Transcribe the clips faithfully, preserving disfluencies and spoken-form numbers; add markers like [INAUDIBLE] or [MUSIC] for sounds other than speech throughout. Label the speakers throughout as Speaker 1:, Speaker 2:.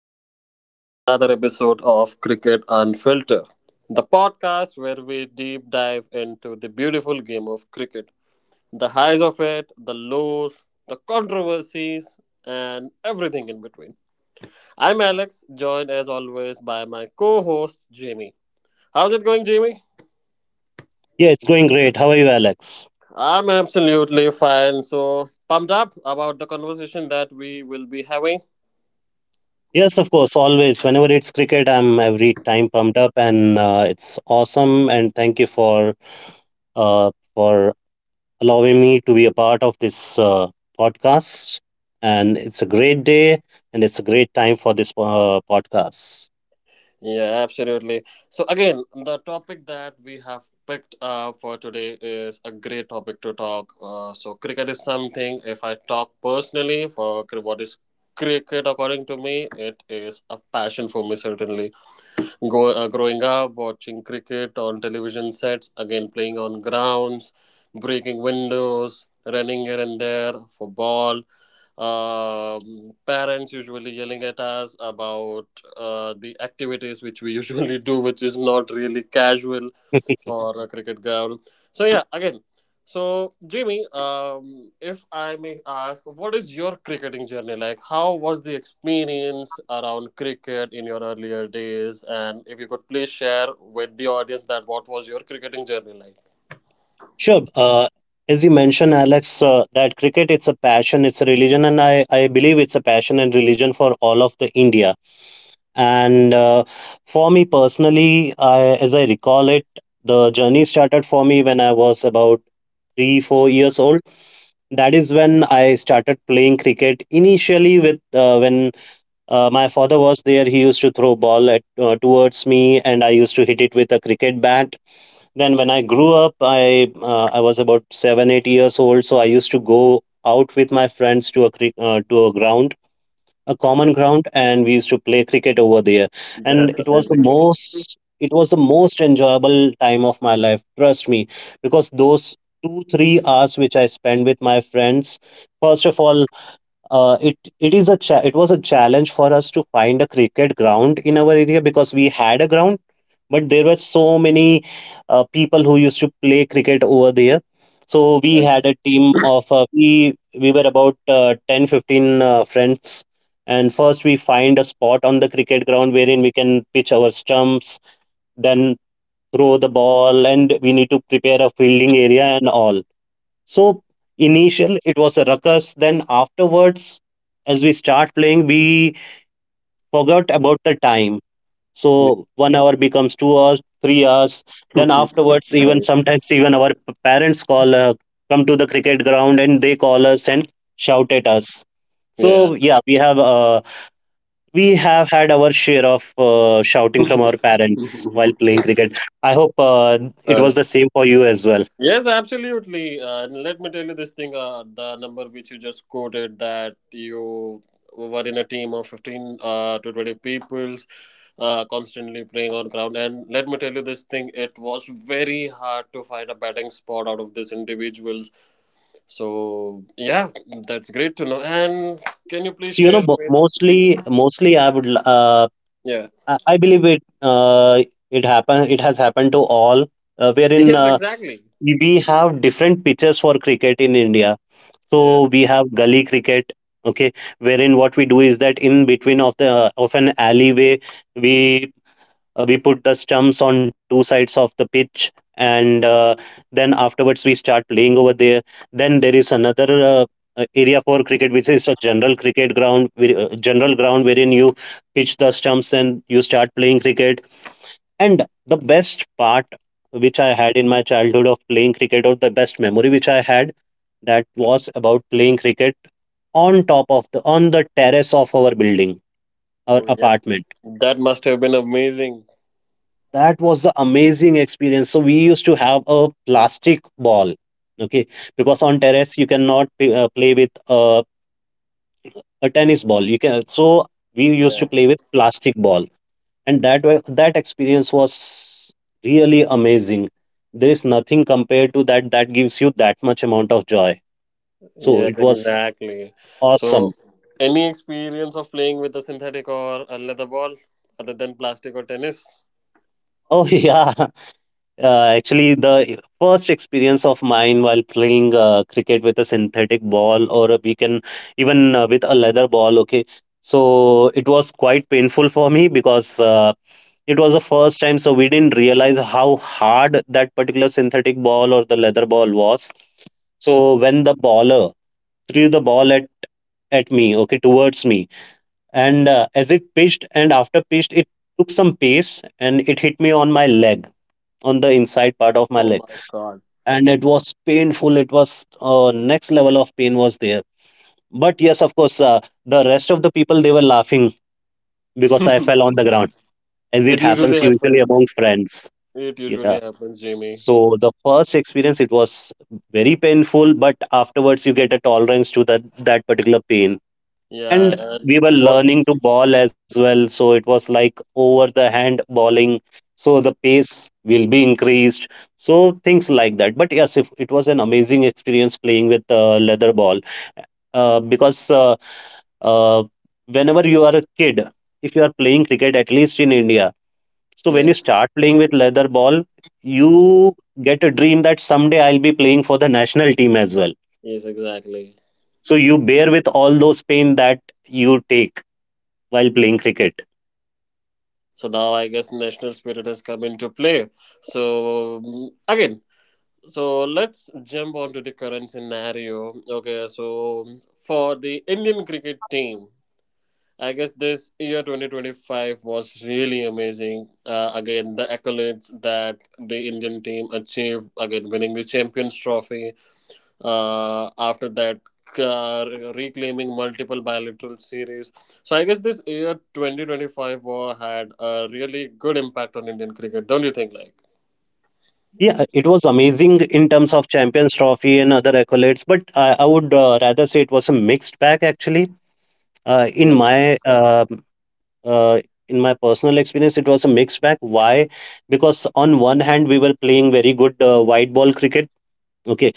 Speaker 1: welcome to another episode of Cricket Unfiltered, the podcast where we deep dive into the beautiful game of cricket, the highs of it, the lows, the controversies, and everything in between. I'm Alex, joined as always by my co host Jamie. How's it going, Jamie?
Speaker 2: Yeah, it's going great. How are you, Alex?
Speaker 1: I'm absolutely fine, so pumped up about the conversation that we will be having.
Speaker 2: Yes, of course, always. Whenever it's cricket, I'm every time pumped up, and uh, it's awesome. And thank you for uh, for allowing me to be a part of this uh, podcast. And it's a great day, and it's a great time for this uh, podcast.
Speaker 1: Yeah, absolutely. So again, the topic that we have picked uh, for today is a great topic to talk. Uh, so cricket is something. If I talk personally for cri- What is cricket, according to me, it is a passion for me certainly. Grow, uh, growing up, watching cricket on television sets, again playing on grounds, breaking windows, running here and there for ball. Um parents usually yelling at us about uh, the activities which we [LAUGHS] usually do, which is not really casual
Speaker 2: [LAUGHS]
Speaker 1: or a cricket ground. So yeah, again. So Jimmy, um, if I may ask, what is your cricketing journey like? How was the experience around cricket in your earlier days? And if you could please share with the audience that what was your cricketing journey like?
Speaker 2: Sure. Uh, as you mentioned, Alex, uh, that cricket it's a passion, it's a religion, and I, I believe it's a passion and religion for all of the India. And uh, for me personally, I, as I recall it, the journey started for me when I was about three, four years old. That is when I started playing cricket. Initially, with uh, when uh, my father was there, he used to throw ball at, uh, towards me, and I used to hit it with a cricket bat. Then, when I grew up, I uh, I was about seven, eight years old, so I used to go out with my friends to a cri- uh, to a ground, a common
Speaker 1: Yeah,
Speaker 2: ground, and we used to play cricket over there. And
Speaker 1: that's
Speaker 2: it was the
Speaker 1: amazing.
Speaker 2: most it was the most enjoyable time of my life, trust me, because those 2 3 hours which I spent with my friends, first of all, uh, it it is a cha- it was a challenge for us to find a cricket ground in our area, because we had a ground but there were so many uh, people who used to play cricket over there. So we had a team of uh, we we were about uh, ten fifteen uh, friends. And first, we find a spot on the cricket ground wherein we can pitch our stumps, then throw the ball, and we need to prepare a fielding area and all. So initial, it was a ruckus, then afterwards, as we start playing, we forgot about the time.
Speaker 1: Yeah.
Speaker 2: So one hour becomes two hours, three hours. Then
Speaker 1: [LAUGHS]
Speaker 2: afterwards, even
Speaker 1: Nice.
Speaker 2: sometimes even our p- parents call uh, come to the cricket ground, and they call us and shout at us.
Speaker 1: Yeah.
Speaker 2: So yeah, we have uh, we have had our share of uh, shouting from our parents while
Speaker 1: [LAUGHS]
Speaker 2: playing cricket. I hope uh, it
Speaker 1: Uh,
Speaker 2: was the same for you as well.
Speaker 1: Yes, absolutely. Uh, and let me tell you this thing, uh, the number which you just quoted that you were in a team of fifteen uh, to twenty peoples uh, constantly playing on ground. And let me tell you this thing, it was very hard to find a batting spot out of these individuals. So, yeah, that's great to know. And can you please
Speaker 2: So, you know
Speaker 1: share
Speaker 2: mo-
Speaker 1: with. [LAUGHS]
Speaker 2: mostly mostly I would l- uh,
Speaker 1: Yeah.
Speaker 2: I I believe it uh, it happen it has happened to all, uh, wherein,
Speaker 1: Yes,
Speaker 2: uh,
Speaker 1: exactly.
Speaker 2: we have different pitches for cricket in India. So
Speaker 1: Yeah.
Speaker 2: we have gully cricket, okay, wherein what we do is that in between of the of an alleyway, we we put the stumps on two sides of the pitch, and uh, then afterwards we start playing over there. Then there is another Uh, uh, area for cricket, which is a general cricket ground, where- uh, general ground wherein you pitch the stumps and you start playing cricket. And the best part which I had in my childhood of playing cricket, or the best memory which I had, that was about playing cricket on top of the on the terrace of our building, our
Speaker 1: Oh, yeah.
Speaker 2: apartment.
Speaker 1: That must have been amazing.
Speaker 2: That was the amazing experience. So we used to have a plastic ball, okay, because on terrace you cannot p- uh, play with uh, a tennis ball. You can, so we used to
Speaker 1: Yeah.
Speaker 2: play with plastic ball. And that wa- that experience was really amazing. There is nothing compared to that that gives you that much amount of joy. So
Speaker 1: Yes,
Speaker 2: it was
Speaker 1: exactly. So,
Speaker 2: awesome.
Speaker 1: any experience of playing with a synthetic or a leather ball other than plastic or tennis?
Speaker 2: Oh, [LAUGHS] yeah, uh, actually, the first experience of mine while playing uh, cricket with a synthetic ball, or we can even, uh, with a leather ball, okay. So it was quite painful for me, because uh, it was the first time, so we didn't realize how hard that particular synthetic ball or the leather ball was. So when the baller threw the ball at, at me, okay, towards me, and uh, as it pitched, and after pitched, it took some pace, and it hit me on my leg, on the inside part of my
Speaker 1: Oh
Speaker 2: leg.
Speaker 1: my god.
Speaker 2: And it was painful. It was uh, next level of pain was there. But yes, of course, uh, the rest of the people, they were laughing because I fell on
Speaker 1: [LAUGHS]
Speaker 2: the ground, as
Speaker 1: It
Speaker 2: it
Speaker 1: usually
Speaker 2: happens usually
Speaker 1: happens.
Speaker 2: among friends.
Speaker 1: It
Speaker 2: Yeah.
Speaker 1: usually happens, Jamie.
Speaker 2: So the first experience, it was very painful, but afterwards you get a tolerance to that that particular pain.
Speaker 1: Yeah,
Speaker 2: And
Speaker 1: and
Speaker 2: we were
Speaker 1: what?
Speaker 2: learning to ball as well, so it was like over the hand balling. So the pace will be increased. So things like that. But yes, if, it was an amazing experience playing with uh, leather ball, uh, because uh, uh, whenever you are a kid, if you are playing cricket, at least in India, so when you
Speaker 1: Yes,
Speaker 2: start playing with leather ball, you get a dream that someday I'll be playing for the national team as well.
Speaker 1: yes, exactly.
Speaker 2: So you bear with all those pain that you take while playing cricket.
Speaker 1: So now I guess national spirit has come into play. So, mm, again, so let's jump on to the current scenario. Okay, so for the Indian cricket team. I guess this year twenty twenty-five was really amazing. Uh, again, the accolades that the Indian team achieved, again, winning the Champions Trophy, uh, after that, uh, reclaiming multiple bilateral series. So, I guess this year twenty twenty-five war had a really good impact on Indian cricket, don't you think? Like,
Speaker 2: Yeah, it was amazing in terms of Champions Trophy and other accolades, but I, I would uh, rather say it was a mixed bag, actually. Uh, in
Speaker 1: yeah,
Speaker 2: my uh, uh, in my personal experience, it was a mixed bag. Why? Because on one hand, we were playing very good uh, white ball cricket. Okay.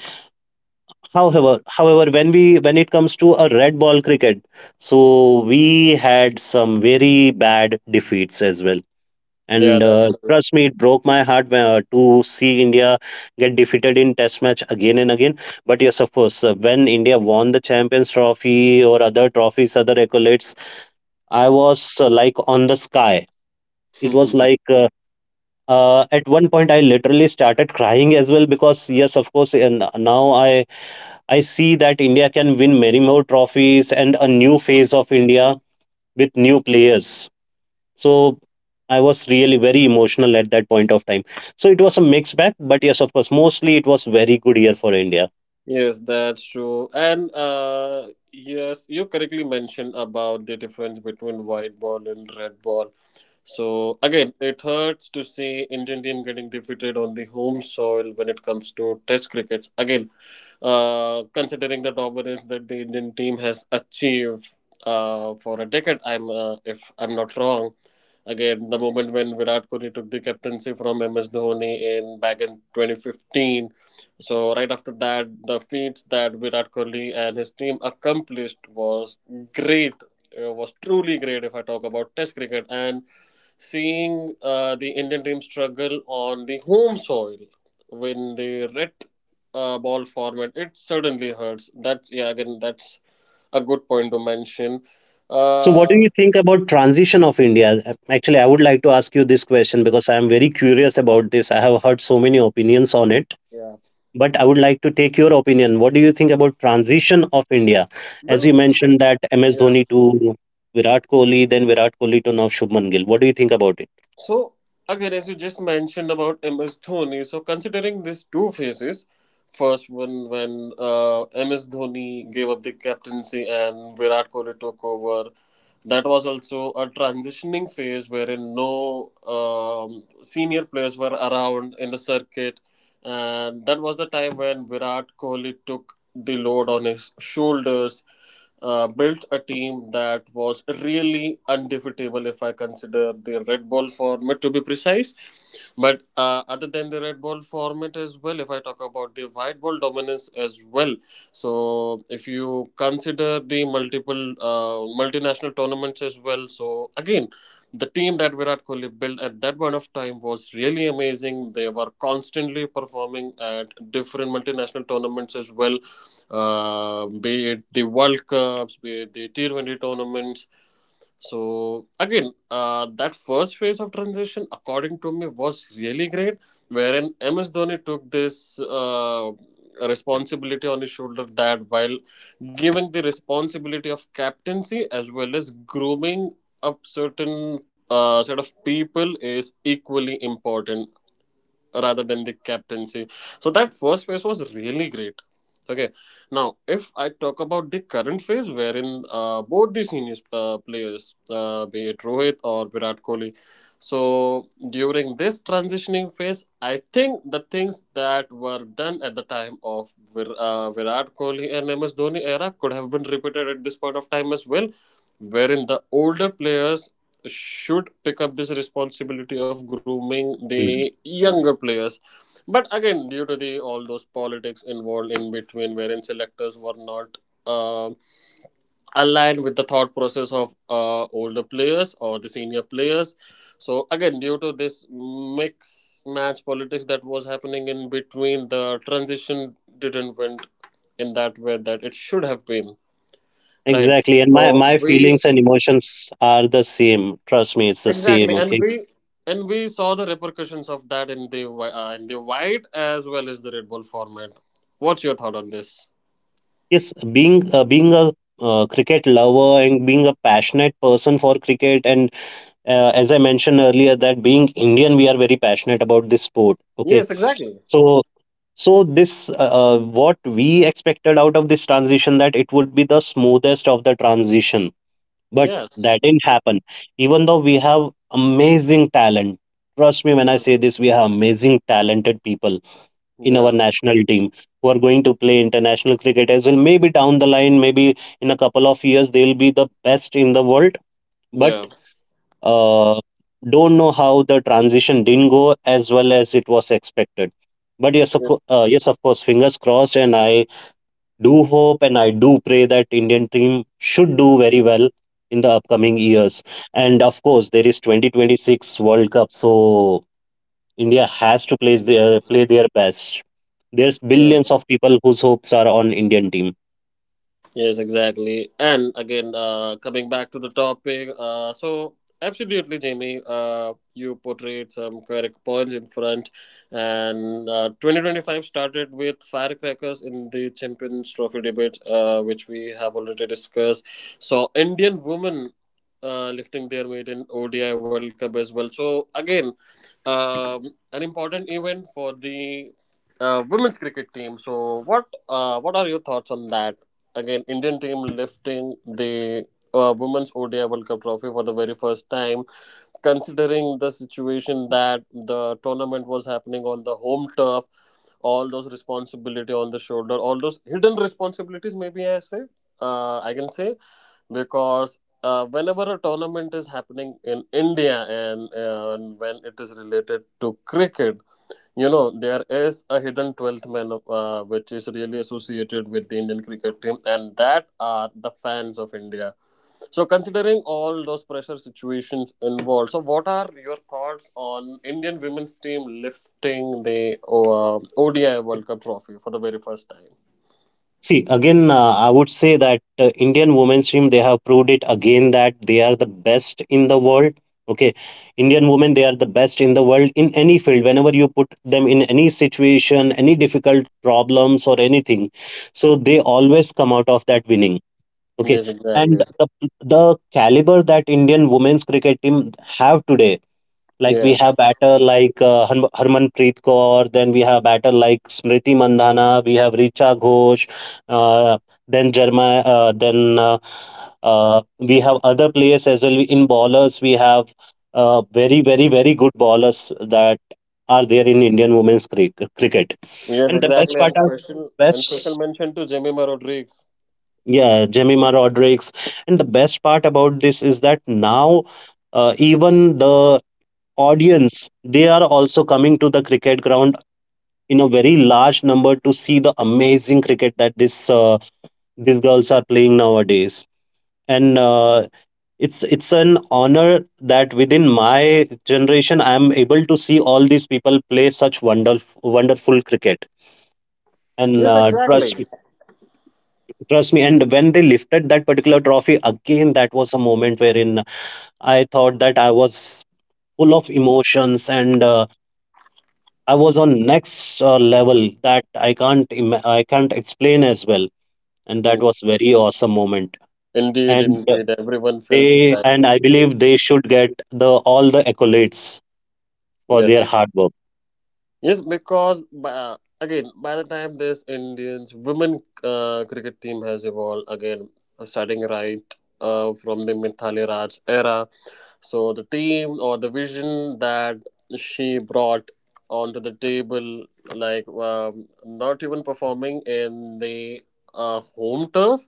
Speaker 2: However, however, when we when it comes to a red ball cricket, so we had some very bad defeats as well.
Speaker 1: yeah
Speaker 2: And uh,
Speaker 1: that's
Speaker 2: trust me, it broke my heart when- uh, to see India get defeated in Test match again and again. But yes, of course, uh, when India won the Champions Trophy or other trophies, other accolades, I was uh, like on the sky. It
Speaker 1: true.
Speaker 2: was
Speaker 1: [LAUGHS]
Speaker 2: like uh, uh, at one point I literally started crying as well, because yes, of course, and now I I see that India can win many more trophies, and a new phase of India with new players. So I was really very emotional at that point of time. So it was a mixed bag, but yes, of course, mostly it was very good year for India.
Speaker 1: Yes, that's true. And uh yes, you correctly mentioned about the difference between white ball and red ball. So again, it hurts to see Indian team getting defeated on the home soil when it comes to Test cricket. Again, uh, considering the dominance that the Indian team has achieved uh, for a decade, I'm uh, if I'm not wrong. Again, the moment when Virat Kohli took the captaincy from M S Dhoni in back in twenty fifteen. So right after that, the feats that Virat Kohli and his team accomplished was great. It was truly great if I talk about Test cricket and seeing uh, the Indian team struggle on the home soil when the red uh, ball format, it certainly hurts. That's yeah, again, that's a good point to mention.
Speaker 2: So what do
Speaker 1: Uh,
Speaker 2: you think about transition of India? Actually, I would like to ask you this question, because I am very curious about this. I have heard so many opinions on it,
Speaker 1: yeah.
Speaker 2: but I would like to take your opinion. What do you think about transition of India? As
Speaker 1: Well,
Speaker 2: you mentioned, that M S
Speaker 1: yeah.
Speaker 2: Dhoni to Virat Kohli, then Virat Kohli to now Shubman Gill. What do you think about it?
Speaker 1: So, again, as you just mentioned about M S Dhoni, so considering these two phases, first one when uh, M S Dhoni gave up the captaincy and Virat Kohli took over, that was also a transitioning phase wherein no um, senior players were around in the circuit. And that was the time when Virat Kohli took the load on his shoulders, uh, built a team that was really undefeatable if I consider the Red Bull format to be precise. But uh, other than the red ball format as well, if I talk about the white ball dominance as well, so if you consider the multiple uh, multinational tournaments as well, so again, the team that Virat Kohli built at that point of time was really amazing. They were constantly performing at different multinational tournaments as well, uh, be it the World Cups, be it the T Twenty tournaments. So again, uh, that first phase of transition, according to me, was really great. Wherein M S Dhoni took this uh, responsibility on his shoulder that while giving the responsibility of captaincy as well as grooming up certain uh, set of people is equally important rather than the captaincy. So that first phase was really great. Okay, now if I talk about the current phase, wherein uh, both the senior uh, players, uh, be it Rohit or Virat Kohli, so during this transitioning phase, I think the things that were done at the time of Vir- uh, Virat Kohli and M S Dhoni era could have been repeated at this point of time as well, wherein the older players should pick up this responsibility of grooming
Speaker 2: Mhm.
Speaker 1: the younger players, but again, due to the all those politics involved in between, wherein selectors were not uh, aligned with the thought process of uh, older players or the senior players, so again, due to this mix match politics that was happening in between, the transition didn't went in that way that it should have been. Right,
Speaker 2: Exactly, and my
Speaker 1: so
Speaker 2: my
Speaker 1: we.
Speaker 2: feelings and emotions are the same. Trust me, it's the same.
Speaker 1: Exactly, and
Speaker 2: Okay.
Speaker 1: we, and we saw the repercussions of that in the whi- uh, in the white as well as the Red Bull format. What's your thought on this?
Speaker 2: Yes, being uh, being a uh, cricket lover and being a passionate person for cricket, and uh, as I mentioned earlier, that being Indian, we are very passionate about this sport. Okay,
Speaker 1: Yes, exactly.
Speaker 2: so So this, uh, uh, what we expected out of this transition, that it would be the smoothest of the transition, but that
Speaker 1: Yes.
Speaker 2: didn't happen. Even though we have amazing talent, trust me when I say this, we have amazing talented people in our
Speaker 1: Yeah.
Speaker 2: national team who are going to play international cricket as well. Maybe down the line, maybe in a couple of years, they'll be the best in the world. But
Speaker 1: Yeah.
Speaker 2: uh, don't know how the transition didn't go as well as it was expected. But yes, of, co- uh, yes, of course, fingers crossed, and I do hope and I do pray that Indian team should do very well in the upcoming years. And of course, there is twenty twenty-six World Cup, so India has to play their play their best. There's
Speaker 1: Yeah.
Speaker 2: billions of people whose hopes are on Indian team.
Speaker 1: Yes, exactly. And again, uh, coming back to the topic, uh, so absolutely, Jamie, uh, you portrayed some correct points in front. And uh, twenty twenty-five started with firecrackers in the Champions Trophy debate, uh, which we have already discussed. So, Indian women. Uh, lifting their maiden O D I World Cup as well. So again, um, an important event for the uh, women's cricket team. So what uh, what are your thoughts on that? Again, Indian team lifting the uh, women's O D I World Cup trophy for the very first time. Considering the situation that the tournament was happening on the home turf, all those responsibility on the shoulder, all those hidden responsibilities, maybe I say, uh, I can say, because. Uh, whenever a tournament is happening in India, and, uh, and when it is related to cricket, you know, there is a hidden twelfth man uh, which is really associated with the Indian cricket team, and that are the fans of India. So, considering all those pressure situations involved, so what are your thoughts on Indian women's team lifting the uh, O D I World Cup trophy for the very first time?
Speaker 2: See, again, uh, I would say that uh, Indian women's team, they have proved it again that they are the best in the world. Okay. Indian women, they are the best in the world in any field, whenever you put them in any situation, any difficult problems or anything. So they always come out of that winning. Okay.
Speaker 1: Yes,
Speaker 2: And
Speaker 1: exactly.
Speaker 2: the, the caliber that Indian women's cricket team have today, like we
Speaker 1: Yeah.
Speaker 2: have batter like uh, Harm- Harmanpreet Kaur, then we have batter like Smriti Mandhana, we have Richa Ghosh, uh, then Jerma, uh, then uh, uh, we have other players as well. In bowlers, we have uh, very, very, very good bowlers that are there in Indian women's cric- cricket.
Speaker 1: Yes,
Speaker 2: And the best
Speaker 1: exactly.
Speaker 2: part
Speaker 1: And
Speaker 2: are
Speaker 1: special and special
Speaker 2: best.
Speaker 1: mention to Jemima Rodriguez.
Speaker 2: Yeah, Jemima Rodriguez. And the best part about this is that now, uh, even the audience, they are also coming to the cricket ground in a very large number to see the amazing cricket that this uh, these girls are playing nowadays. And uh, it's it's an honor that within my generation, I am able to see all these people play such wonderful wonderful cricket. And
Speaker 1: Yes,
Speaker 2: uh, trust
Speaker 1: exactly.
Speaker 2: me, trust me. And when they lifted that particular trophy again, that was a moment wherein I thought that I was full of emotions, and uh, I was on next uh, level that I can't ima- I can't explain as well, and that
Speaker 1: Mm.
Speaker 2: was very awesome moment.
Speaker 1: Indeed,
Speaker 2: And uh,
Speaker 1: indeed. Everyone feels
Speaker 2: they
Speaker 1: like.
Speaker 2: and I believe they should get the all the accolades for
Speaker 1: Yes.
Speaker 2: their hard work.
Speaker 1: Yes, because by, again, by the time this Indians women uh, cricket team has evolved again, uh, starting right uh, from the Mithali Raj era, so the team or the vision that she brought onto the table, like um, not even performing in the uh, home turf,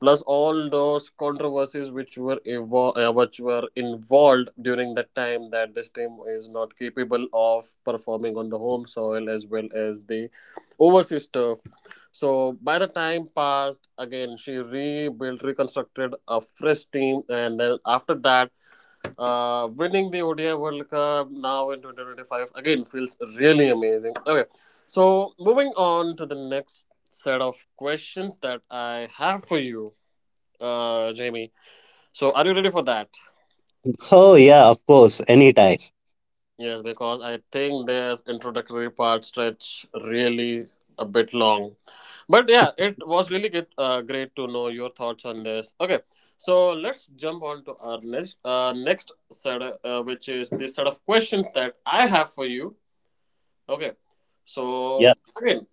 Speaker 1: plus all those controversies which were evo- uh, which were involved during that time that this team is not capable of performing on the home soil as well as the overseas turf, so by the time passed, again, she rebuilt, reconstructed a fresh team, and then after that, uh, winning the odi world cup now in two thousand twenty-five again feels really amazing. Okay, so moving on to the next set of questions that I have for you, uh, Jamie. So, are you ready for that?
Speaker 2: Oh yeah, of course, anytime.
Speaker 1: Yes, because I think this introductory part stretch really a bit long. But yeah, it was really good, uh, great to know your thoughts on this. Okay, so let's jump on to our next, uh, next set, of- uh, which is the set of questions that I have for you. Okay,
Speaker 2: Yeah,
Speaker 1: so again,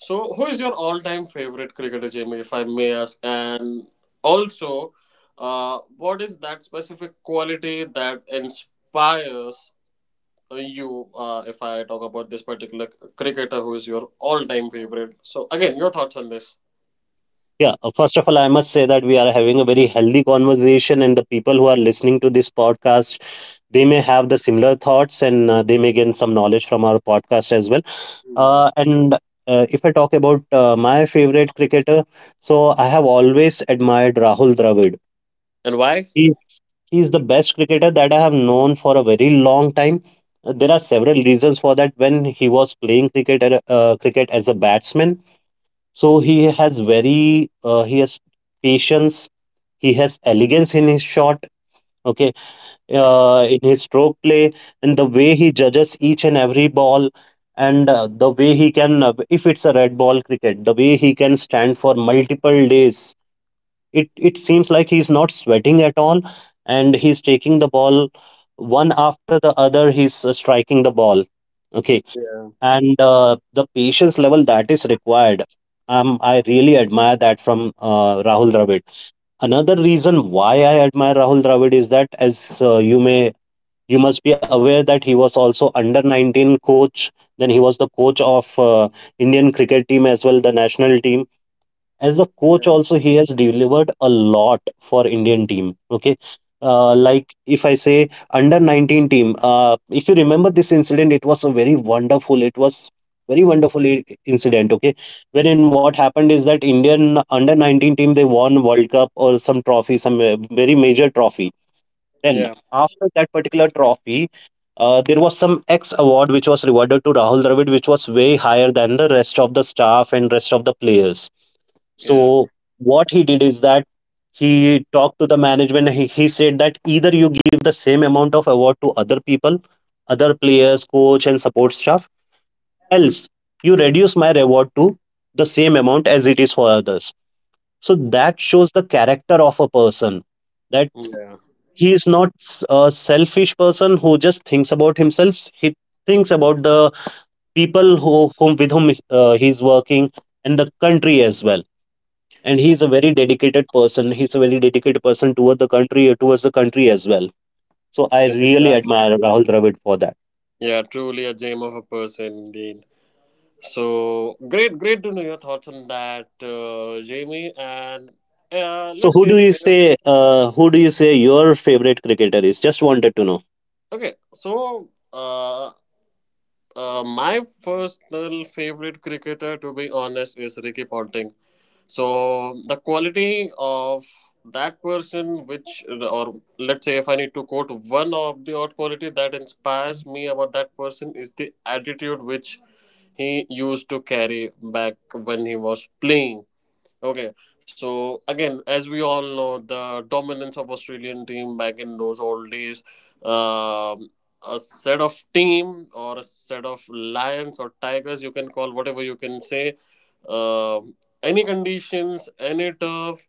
Speaker 1: so, who is your all-time favorite cricketer, Jamie, if I may ask? And also, uh, what is that specific quality that inspires uh, you? Uh, if I talk about this particular c- cricketer, who is your all-time favorite? So, again, your thoughts on this.
Speaker 2: yeah. Uh, First of all, I must say that we are having a very healthy conversation, and the people who are listening to this podcast, they may have the similar thoughts, and uh, they may gain some knowledge from our podcast as well.
Speaker 1: Hmm.
Speaker 2: Uh, and uh, if I talk about uh, my favorite cricketer, so I have always admired Rahul Dravid.
Speaker 1: And why?
Speaker 2: He's he's the best cricketer that I have known for a very long time. Uh, There are several reasons for that. When he was playing cricket at a- uh, cricket as a batsman, so he has very uh, he has patience. He has elegance in his shot. Okay, uh, in his stroke play, and the way he judges each and every ball, and uh, the way he can uh, if it's a red ball cricket, the way he can stand for multiple days, it it seems like he's not sweating at all, and he's taking the ball one after the other, he's uh, striking the ball. Okay.
Speaker 1: Yeah.
Speaker 2: And uh, the patience level that is required, um, I really admire that from uh, Rahul Dravid. Another reason why I admire Rahul Dravid is that, as uh, you may you must be aware that he was also under nineteen coach, then he was the coach of uh, Indian cricket team as well, the national team. As a coach
Speaker 1: Yeah.
Speaker 2: also, he has delivered a lot for Indian team. Okay. uh, like if I say Under nineteen team, uh, if you remember this incident, it was a very wonderful, it was very wonderful i- incident. Okay, wherein what happened is that Indian under nineteen team, they won world cup or some trophy, some uh, very major trophy. Then,
Speaker 1: Yeah,
Speaker 2: after that particular trophy, uh, there was some X award which was rewarded to Rahul Dravid, which was way higher than the rest of the staff and rest of the players.
Speaker 1: yeah,
Speaker 2: So, what he did is that he talked to the management. He, he said that either you give the same amount of award to other people, other players, coach, and support staff, else you reduce my reward to the same amount as it is for others. So, that shows the character of a person, that
Speaker 1: yeah,
Speaker 2: he is not a selfish person who just thinks about himself. He thinks about the people who whom with whom uh, he is working, and the country as well. And he is a very dedicated person he's a very dedicated person toward the country, towards the country as well. So I
Speaker 1: yeah,
Speaker 2: really
Speaker 1: exactly.
Speaker 2: admire Rahul Dravid for that.
Speaker 1: Yeah. Truly a gem of a person, indeed. So great, great to know your thoughts on that, uh, Jamie. And uh,
Speaker 2: So
Speaker 1: let's
Speaker 2: who
Speaker 1: say.
Speaker 2: do you say uh, who do you say your favorite cricketer is, just wanted to know.
Speaker 1: Okay, so uh, uh, my personal favorite cricketer, to be honest, is Ricky Ponting. So the quality of that person, which, or let's say, if I need to quote one of the odd quality that inspires me about that person is the attitude which he used to carry back when he was playing. Okay, so again, as we all know, the dominance of Australian team back in those old days, um, a set of team or a set of lions or tigers, you can call whatever you can say, um, any conditions, any turf,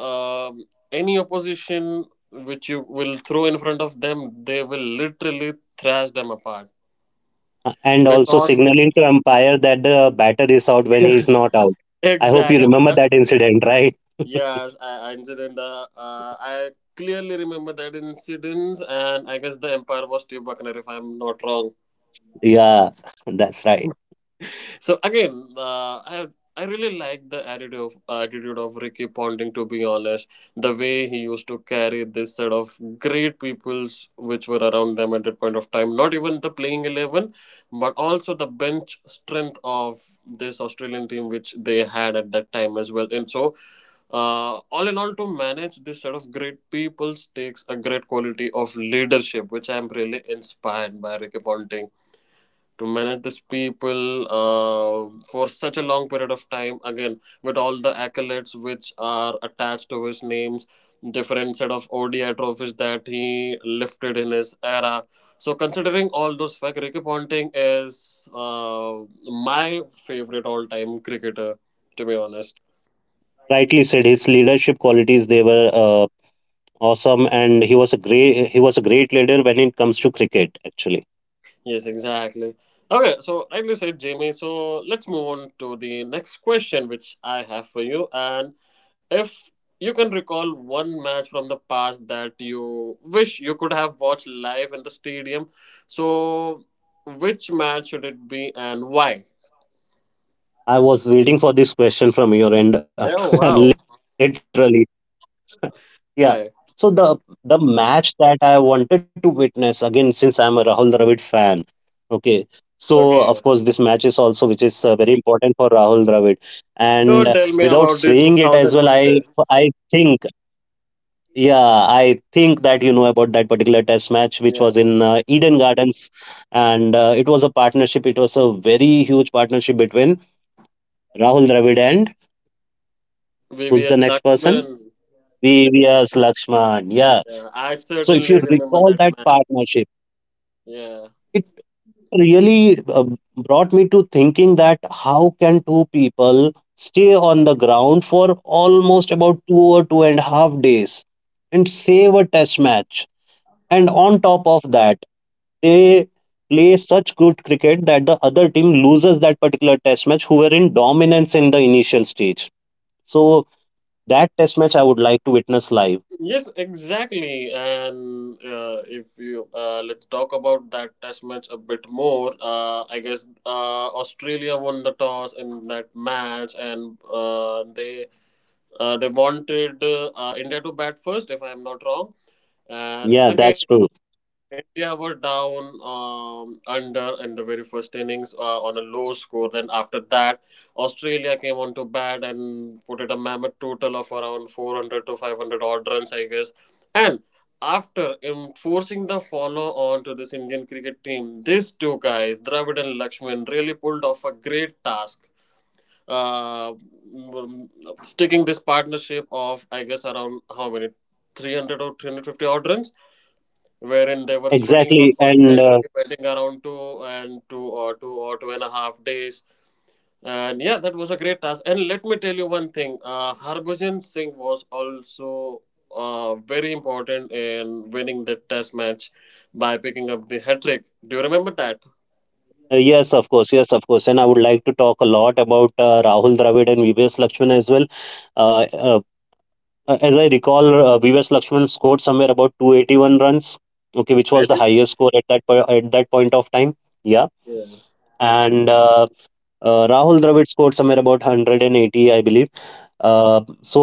Speaker 1: um, any opposition which you will throw in front of them, they will literally thrash them apart
Speaker 2: Uh, and also
Speaker 1: because
Speaker 2: signaling to umpire that the batter is out when he is not out.
Speaker 1: [LAUGHS]
Speaker 2: I hope you
Speaker 1: exactly,
Speaker 2: remember
Speaker 1: but
Speaker 2: that incident, [LAUGHS] right?
Speaker 1: Yes, I, incident. Uh, uh, I clearly remember that incident, and I guess the empire was Steve Buckner, if I'm not wrong.
Speaker 2: Yeah, [LAUGHS] that's right.
Speaker 1: So again, uh, I I really like the attitude of attitude of Ricky Ponting. To be honest, the way he used to carry this set of great peoples which were around them at that point of time. Not even the playing eleven, but also the bench strength of this Australian team which they had at that time as well. And so, uh, all in all, to manage this sort of great peoples takes a great quality of leadership, which I'm really inspired by Ricky Ponting to manage these people uh, for such a long period of time, again with all the accolades which are attached to his names, different set of O D I trophies that he lifted in his era. So considering all those facts, Ricky Ponting is uh, my favorite all time cricketer, to be honest.
Speaker 2: Rightly said. His leadership qualities, they were uh, awesome, and he was a great he was a great leader when it comes to cricket. Actually,
Speaker 1: Yes, exactly. Okay, so rightly said, Jamie. So let's move on to the next question, which I have for you. And if you can recall one match from the past that you wish you could have watched live in the stadium, so which match should it be and why?
Speaker 2: I was waiting for this question from your end, [LAUGHS]
Speaker 1: Oh, wow.
Speaker 2: literally. Yeah. So the the
Speaker 1: Right.
Speaker 2: match that I wanted to witness again, since I'm a Rahul Dravid fan. Okay, so of course this match is also, which
Speaker 1: Okay.
Speaker 2: is uh, very important for Rahul Dravid, and uh, without
Speaker 1: Don't
Speaker 2: saying
Speaker 1: tell
Speaker 2: it
Speaker 1: me
Speaker 2: as well,
Speaker 1: about the
Speaker 2: I I
Speaker 1: two thousand one test.
Speaker 2: think. Yeah, I think that you know about that particular test match, which was
Speaker 1: Yeah.
Speaker 2: in uh, Eden Gardens. And uh, it was a partnership. It was a very huge partnership between Rahul Dravid and, who's the
Speaker 1: V V S
Speaker 2: next person?
Speaker 1: Lakshman.
Speaker 2: V V S Lakshman. Yes.
Speaker 1: Yeah, I
Speaker 2: So if you
Speaker 1: certainly remember
Speaker 2: recall
Speaker 1: that
Speaker 2: that
Speaker 1: match.
Speaker 2: partnership,
Speaker 1: Yeah.
Speaker 2: it really uh, brought me to thinking that how can two people stay on the ground for almost about two or two and a half days and save a test match? And on top of that, they play such good cricket that the other team loses that particular test match, who were in dominance in the initial stage. So that test match I would like to witness live.
Speaker 1: Yes, exactly. And uh, if you uh, let's talk about that test match a bit more. uh, I guess uh, Australia won the toss in that match, and uh, they uh, they wanted uh, uh, India to bat first, if I'm not wrong. And
Speaker 2: Yeah, that's
Speaker 1: again,
Speaker 2: true.
Speaker 1: India were down um, under in the very first innings uh, on a low score. Then after that, Australia came on to bat and put it a mammoth total of around four hundred to five hundred odd runs, I guess. And after enforcing the follow on to this Indian cricket team, these two guys, Dravid and Lakshman, really pulled off a great task. Uh, mm, Sticking this partnership of, I guess, around how many? three hundred or three hundred fifty odd runs, wherein they were sweating out
Speaker 2: Exactly. And
Speaker 1: constantly,
Speaker 2: uh,
Speaker 1: waiting around two and two or two or two and a half days. And yeah, that was a great task. And let me tell you one thing: uh, Harbhajan Singh was also uh, very important in winning the test match by picking up the hat trick. Do you remember that?
Speaker 2: yes, of course. Yes, of course. And I would like to talk a lot about uh, Rahul Dravid and Vivek Lakshman as well. Uh, uh, as I recall, uh, Vivek Lakshman scored somewhere about two hundred eighty-one runs, okay, which was the
Speaker 1: Really?
Speaker 2: highest score at that, po- at that point of time. Yeah.
Speaker 1: Yeah.
Speaker 2: And uh, Uh, Rahul Dravid scored somewhere about one hundred eighty, I believe. Uh, so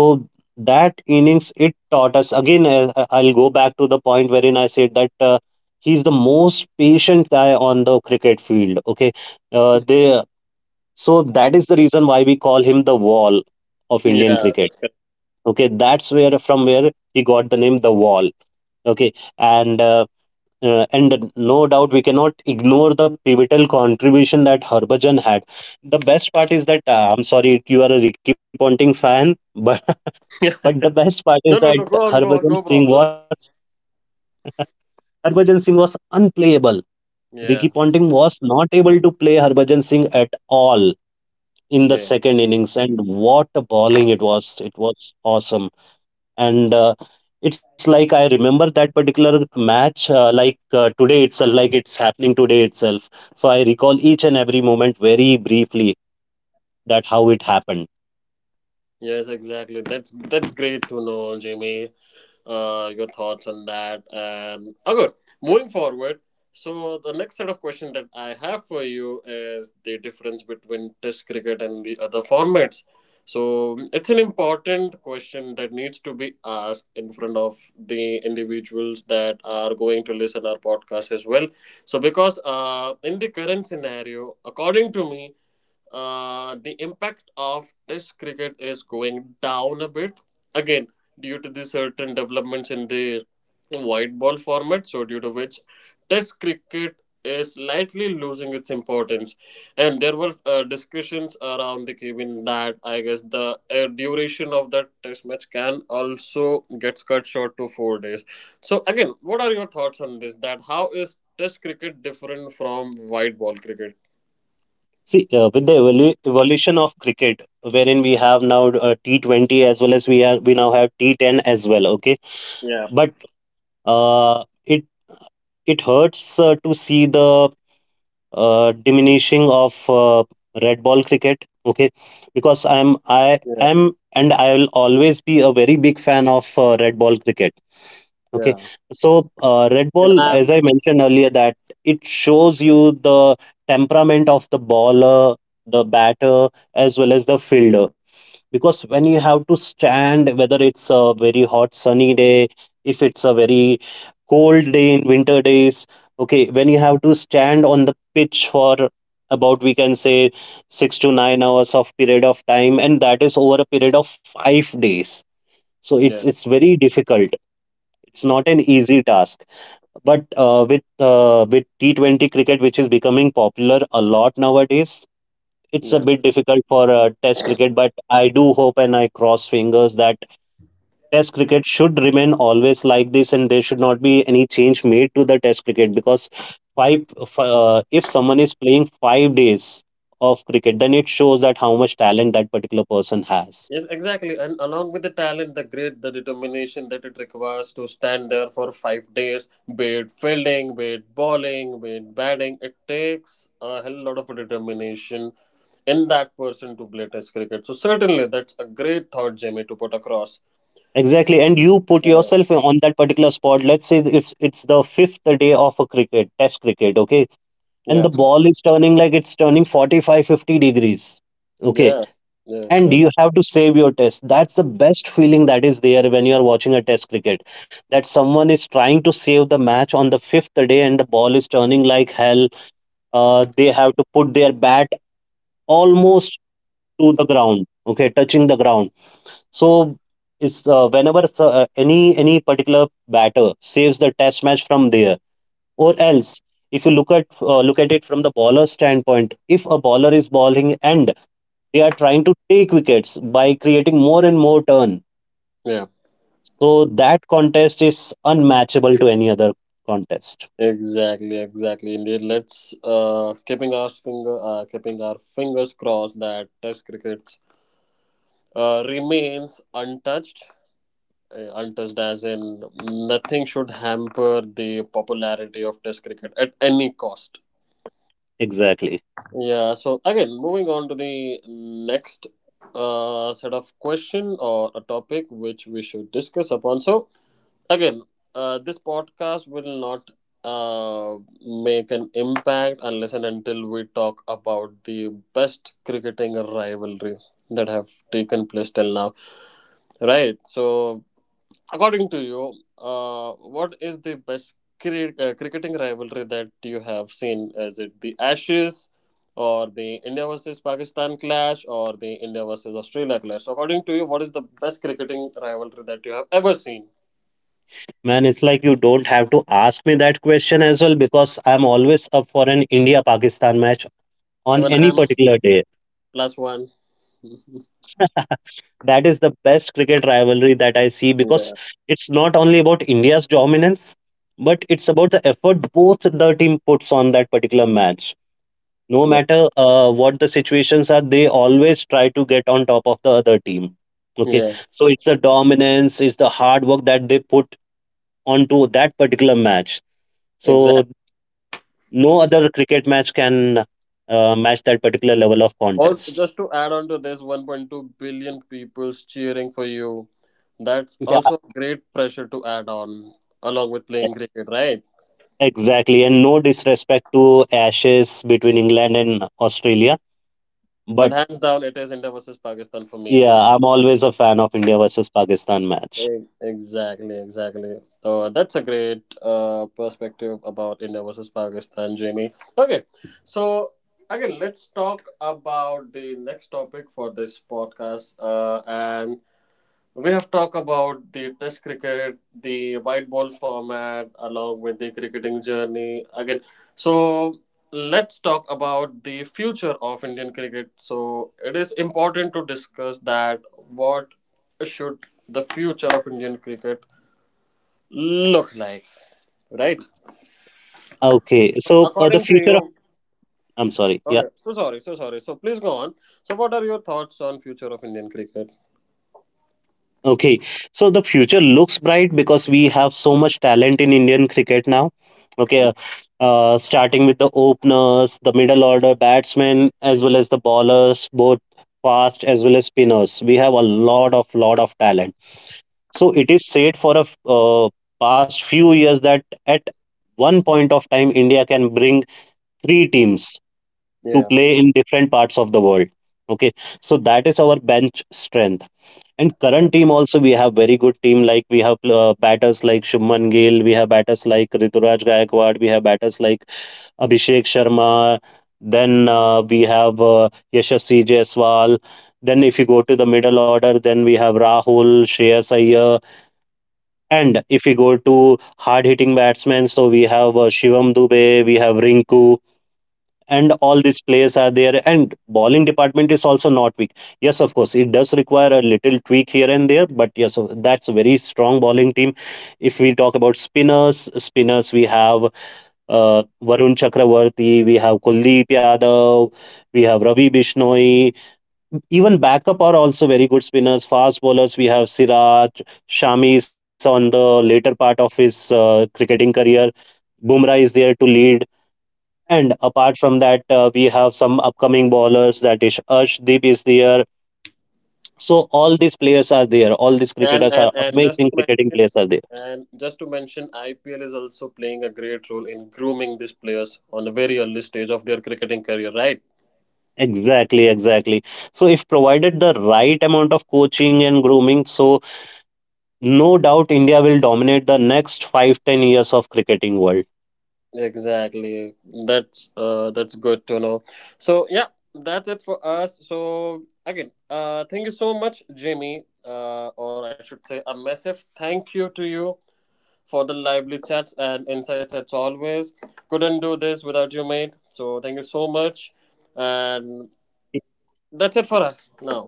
Speaker 2: that innings it taught us again. I, I- I'll go back to the point wherein I said that uh, he's the most patient guy on the cricket field. Okay. uh, they So that is the reason why we call him the wall of Indian
Speaker 1: Yeah,
Speaker 2: cricket.
Speaker 1: that's correct. [LAUGHS]
Speaker 2: Okay, that's where, from where he got the name the wall. Okay, and uh, uh, and no doubt we cannot ignore the pivotal contribution that Harbhajan had. The best part is that uh, I'm sorry if you are a Ricky Ponting fan, but [LAUGHS]
Speaker 1: Yeah.
Speaker 2: but the best part is
Speaker 1: No, no,
Speaker 2: that
Speaker 1: no. Go on, go on.
Speaker 2: Harbhajan
Speaker 1: No
Speaker 2: Singh
Speaker 1: problem.
Speaker 2: was Harbhajan Singh was unplayable. Ricky
Speaker 1: Yeah,
Speaker 2: Ponting was not able to play Harbhajan Singh at all in the
Speaker 1: yeah,
Speaker 2: second innings, and what a bowling it was! It was awesome. And uh, it's like I remember that particular match, uh, like uh, today itself, like it's happening today itself. So I recall each and every moment very briefly, that how it happened.
Speaker 1: yes, exactly. That's that's great to know, Jimmy. Uh, your thoughts on that. And oh, good. Moving forward, so the next set of questions that I have for you is the difference between Test cricket and the other formats. So it's an important question that needs to be asked in front of the individuals that are going to listen our podcast as well. So because uh, in the current scenario, according to me, uh, the impact of test cricket is going down a bit, again, due to the certain developments in the white ball format. So due to which test cricket is slightly losing its importance, and there were uh, discussions around the Kevin that I guess the uh, duration of that test match can also gets cut short to four days. So again, what are your thoughts on this, that how is test cricket different from white ball cricket?
Speaker 2: See, uh, with the evolu- evolution of cricket, wherein we have now uh, T twenty as well, as we are we now have T ten as well. Okay,
Speaker 1: Yeah,
Speaker 2: but uh, it it hurts uh, to see the uh, diminishing of uh, red ball cricket. Okay, because i'm
Speaker 1: yeah,
Speaker 2: i am and I will always be a very big fan of uh, red ball cricket. Okay,
Speaker 1: yeah.
Speaker 2: so uh, red
Speaker 1: Even
Speaker 2: ball,
Speaker 1: I'm.
Speaker 2: as I mentioned earlier, that it shows you the temperament of the baller, the batter, as well as the fielder, because when you have to stand, whether it's a very hot sunny day, if it's a very cold day in winter days. Okay, when you have to stand on the pitch for about, we can say, six to nine hours of period of time, and that is over a period of five days. So it's
Speaker 1: Yeah,
Speaker 2: it's very difficult. It's not an easy task, but uh, with uh, with T twenty cricket, which is becoming popular a lot nowadays, it's a
Speaker 1: yeah.
Speaker 2: bit difficult for uh, Test cricket, but I do hope, and I cross fingers, that Test cricket should remain always like this, and there should not be any change made to the Test cricket. Because five f- uh, if someone is playing five days of cricket, then it shows that how much talent that particular person has.
Speaker 1: Yes, exactly. And along with the talent, the grit, the determination that it requires to stand there for five days, be it fielding, be it bowling, be it batting, it takes a hell lot of determination in that person to play test cricket. So certainly that's a great thought, Jamie, to put across.
Speaker 2: Exactly, and you put
Speaker 1: Yeah.
Speaker 2: yourself on that particular spot. Let's say if it's the fifth day of a cricket, Test cricket, okay, and
Speaker 1: Yeah.
Speaker 2: the ball is turning, like it's turning forty-five, fifty degrees. Okay,
Speaker 1: Yeah. Yeah.
Speaker 2: and
Speaker 1: That-
Speaker 2: you have to save your test. That's the best feeling that is there, when you are watching a test cricket, that someone is trying to save the match on the fifth day, and the ball is turning like hell. Uh, they have to put their bat almost to the ground, okay, touching the ground. So it's uh, whenever s- uh, any any particular batter saves the test match from there. Or else, if you look at uh, look at it from the bowler's standpoint, if a bowler is bowling and they are trying to take wickets by creating more and more turn.
Speaker 1: yeah.
Speaker 2: So that contest is unmatchable to any other contest.
Speaker 1: Exactly, exactly. Indeed, let's uh, keeping our finger uh keeping our fingers crossed that Test cricket uh, remains untouched. Uh, untouched as in nothing should hamper the popularity of Test cricket at any cost.
Speaker 2: Exactly.
Speaker 1: Yeah. So again, moving on to the next uh, set of question or a topic which we should discuss upon. So again, uh, this podcast will not uh make an impact unless and until we talk about the best cricketing rivalry that have taken place till now, right? So according to you, uh, what is the best cri- uh, cricketing rivalry that you have seen? Is it the Ashes or the India versus Pakistan clash or the India versus Australia clash? So, according to you, what is the best cricketing rivalry that you have ever seen?
Speaker 2: Man, it's like you don't have to ask me that question as well, because I'm always up for an India Pakistan match on
Speaker 1: Even I
Speaker 2: any
Speaker 1: am
Speaker 2: particular day.
Speaker 1: plus one. [LAUGHS]
Speaker 2: That is the best cricket rivalry that I see, because
Speaker 1: Yeah,
Speaker 2: it's not only about India's dominance, but it's about the effort both the team puts on that particular match. No
Speaker 1: yeah,
Speaker 2: matter uh, what the situations are, they always try to get on top of the other team. Okay,
Speaker 1: yeah,
Speaker 2: so it's the dominance, it's the hard work that they put onto that particular match.
Speaker 1: exactly.
Speaker 2: So no other cricket match can uh, match that particular level of
Speaker 1: Also,
Speaker 2: contest.
Speaker 1: just to add on to this, one point two billion people's cheering for you. That's
Speaker 2: Yeah,
Speaker 1: also great pressure to add on along with
Speaker 2: e-
Speaker 1: playing cricket, right?
Speaker 2: exactly. And no disrespect to Ashes between England and Australia,
Speaker 1: But
Speaker 2: but
Speaker 1: hands down, it is India versus Pakistan for me.
Speaker 2: yeah, I'm always a fan of India versus Pakistan match.
Speaker 1: E- Exactly, exactly. So that's a great uh, perspective about India versus Pakistan, Jamie. Okay, so again, let's talk about the next topic for this podcast. Uh, and We have talked about the test cricket, the white ball format, along with the cricketing journey again. So let's talk about the future of Indian cricket. So it is important to discuss that what should the future of Indian cricket look like, right?
Speaker 2: Okay, so uh, the
Speaker 1: According to
Speaker 2: future of
Speaker 1: you,
Speaker 2: I'm sorry. Yeah.
Speaker 1: okay. So sorry, so sorry. So please go on. So what are your thoughts on future of Indian cricket?
Speaker 2: Okay, so the future looks bright, because we have so much talent in Indian cricket now. Okay, uh, starting with the openers, the middle order batsmen, as well as the bowlers, both fast as well as spinners. We have a lot of, lot of talent. So it is said for a f- uh, past few years that at one point of time, India can bring three teams to
Speaker 1: Yeah.
Speaker 2: play in different parts of the world. Okay, so that is our bench strength. And
Speaker 1: Yeah.
Speaker 2: current team also, we have very good team, like we have uh, batters like Shubman Gill, we have batters like Rituraj Gaikwad, we have batters like Abhishek Sharma, then uh, we have uh, Yashasvi Jaiswal. Then if you go to the middle order, then we have Rahul, Shreyas Iyer, and if you go to hard hitting batsmen, so we have uh, Shivam Dubey, we have Rinku, and all these players are there, and bowling department is also not weak. Yes, of course, it does require a little tweak here and there, but yes, uh, that's a very strong bowling team. If we talk about spinners spinners we have uh, Varun Chakravarti, we have Kuldeep Yadav, we have Ravi Bishnoi. Even backup are also very good spinners. Fast bowlers, we have Siraj. Shami is on the later part of his uh, cricketing career. Bumrah is there to lead. And apart from that, uh, we have some upcoming bowlers, that is Arshdeep is there. So all these players are there. All these
Speaker 1: And
Speaker 2: cricketers
Speaker 1: and
Speaker 2: are
Speaker 1: and just to
Speaker 2: amazing, cricketing players are there.
Speaker 1: And just to mention, I P L is also playing a great role in grooming these players on a very early stage of their cricketing career, right?
Speaker 2: Exactly, exactly. So if provided the right amount of coaching and grooming, so no doubt India will dominate the next five ten years of cricketing world.
Speaker 1: Exactly. That's uh, that's good to know. So yeah, that's it for us. So again, uh, thank you so much, Jimmy, uh, or I should say, a massive thank you to you for the lively chats and insights as always. Couldn't do this without you, mate. So thank you so much, and that's it for us now.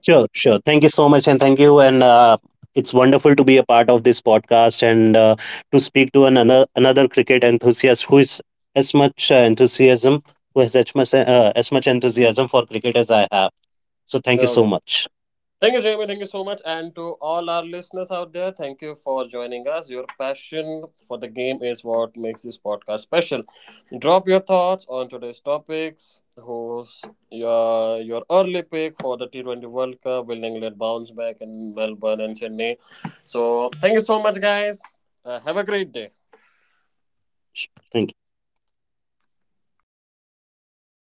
Speaker 2: Sure, sure. Thank you so much, and thank you. And uh, It's wonderful to be a part of this podcast, and uh, to speak to another another cricket enthusiast who is as much uh, enthusiasm, who has as much uh, as much enthusiasm for cricket as I have. So thank you
Speaker 1: Okay.
Speaker 2: so much.
Speaker 1: Thank you, Jamie. Thank you so much. And to all our listeners out there, thank you for joining us. Your passion for the game is what makes this podcast special. Drop your thoughts on today's topics. Who's your, your early pick for the T twenty World Cup? Will England bounce back in Melbourne and Sydney? So, thank you so much, guys. Uh, have a great day.
Speaker 2: Thank you.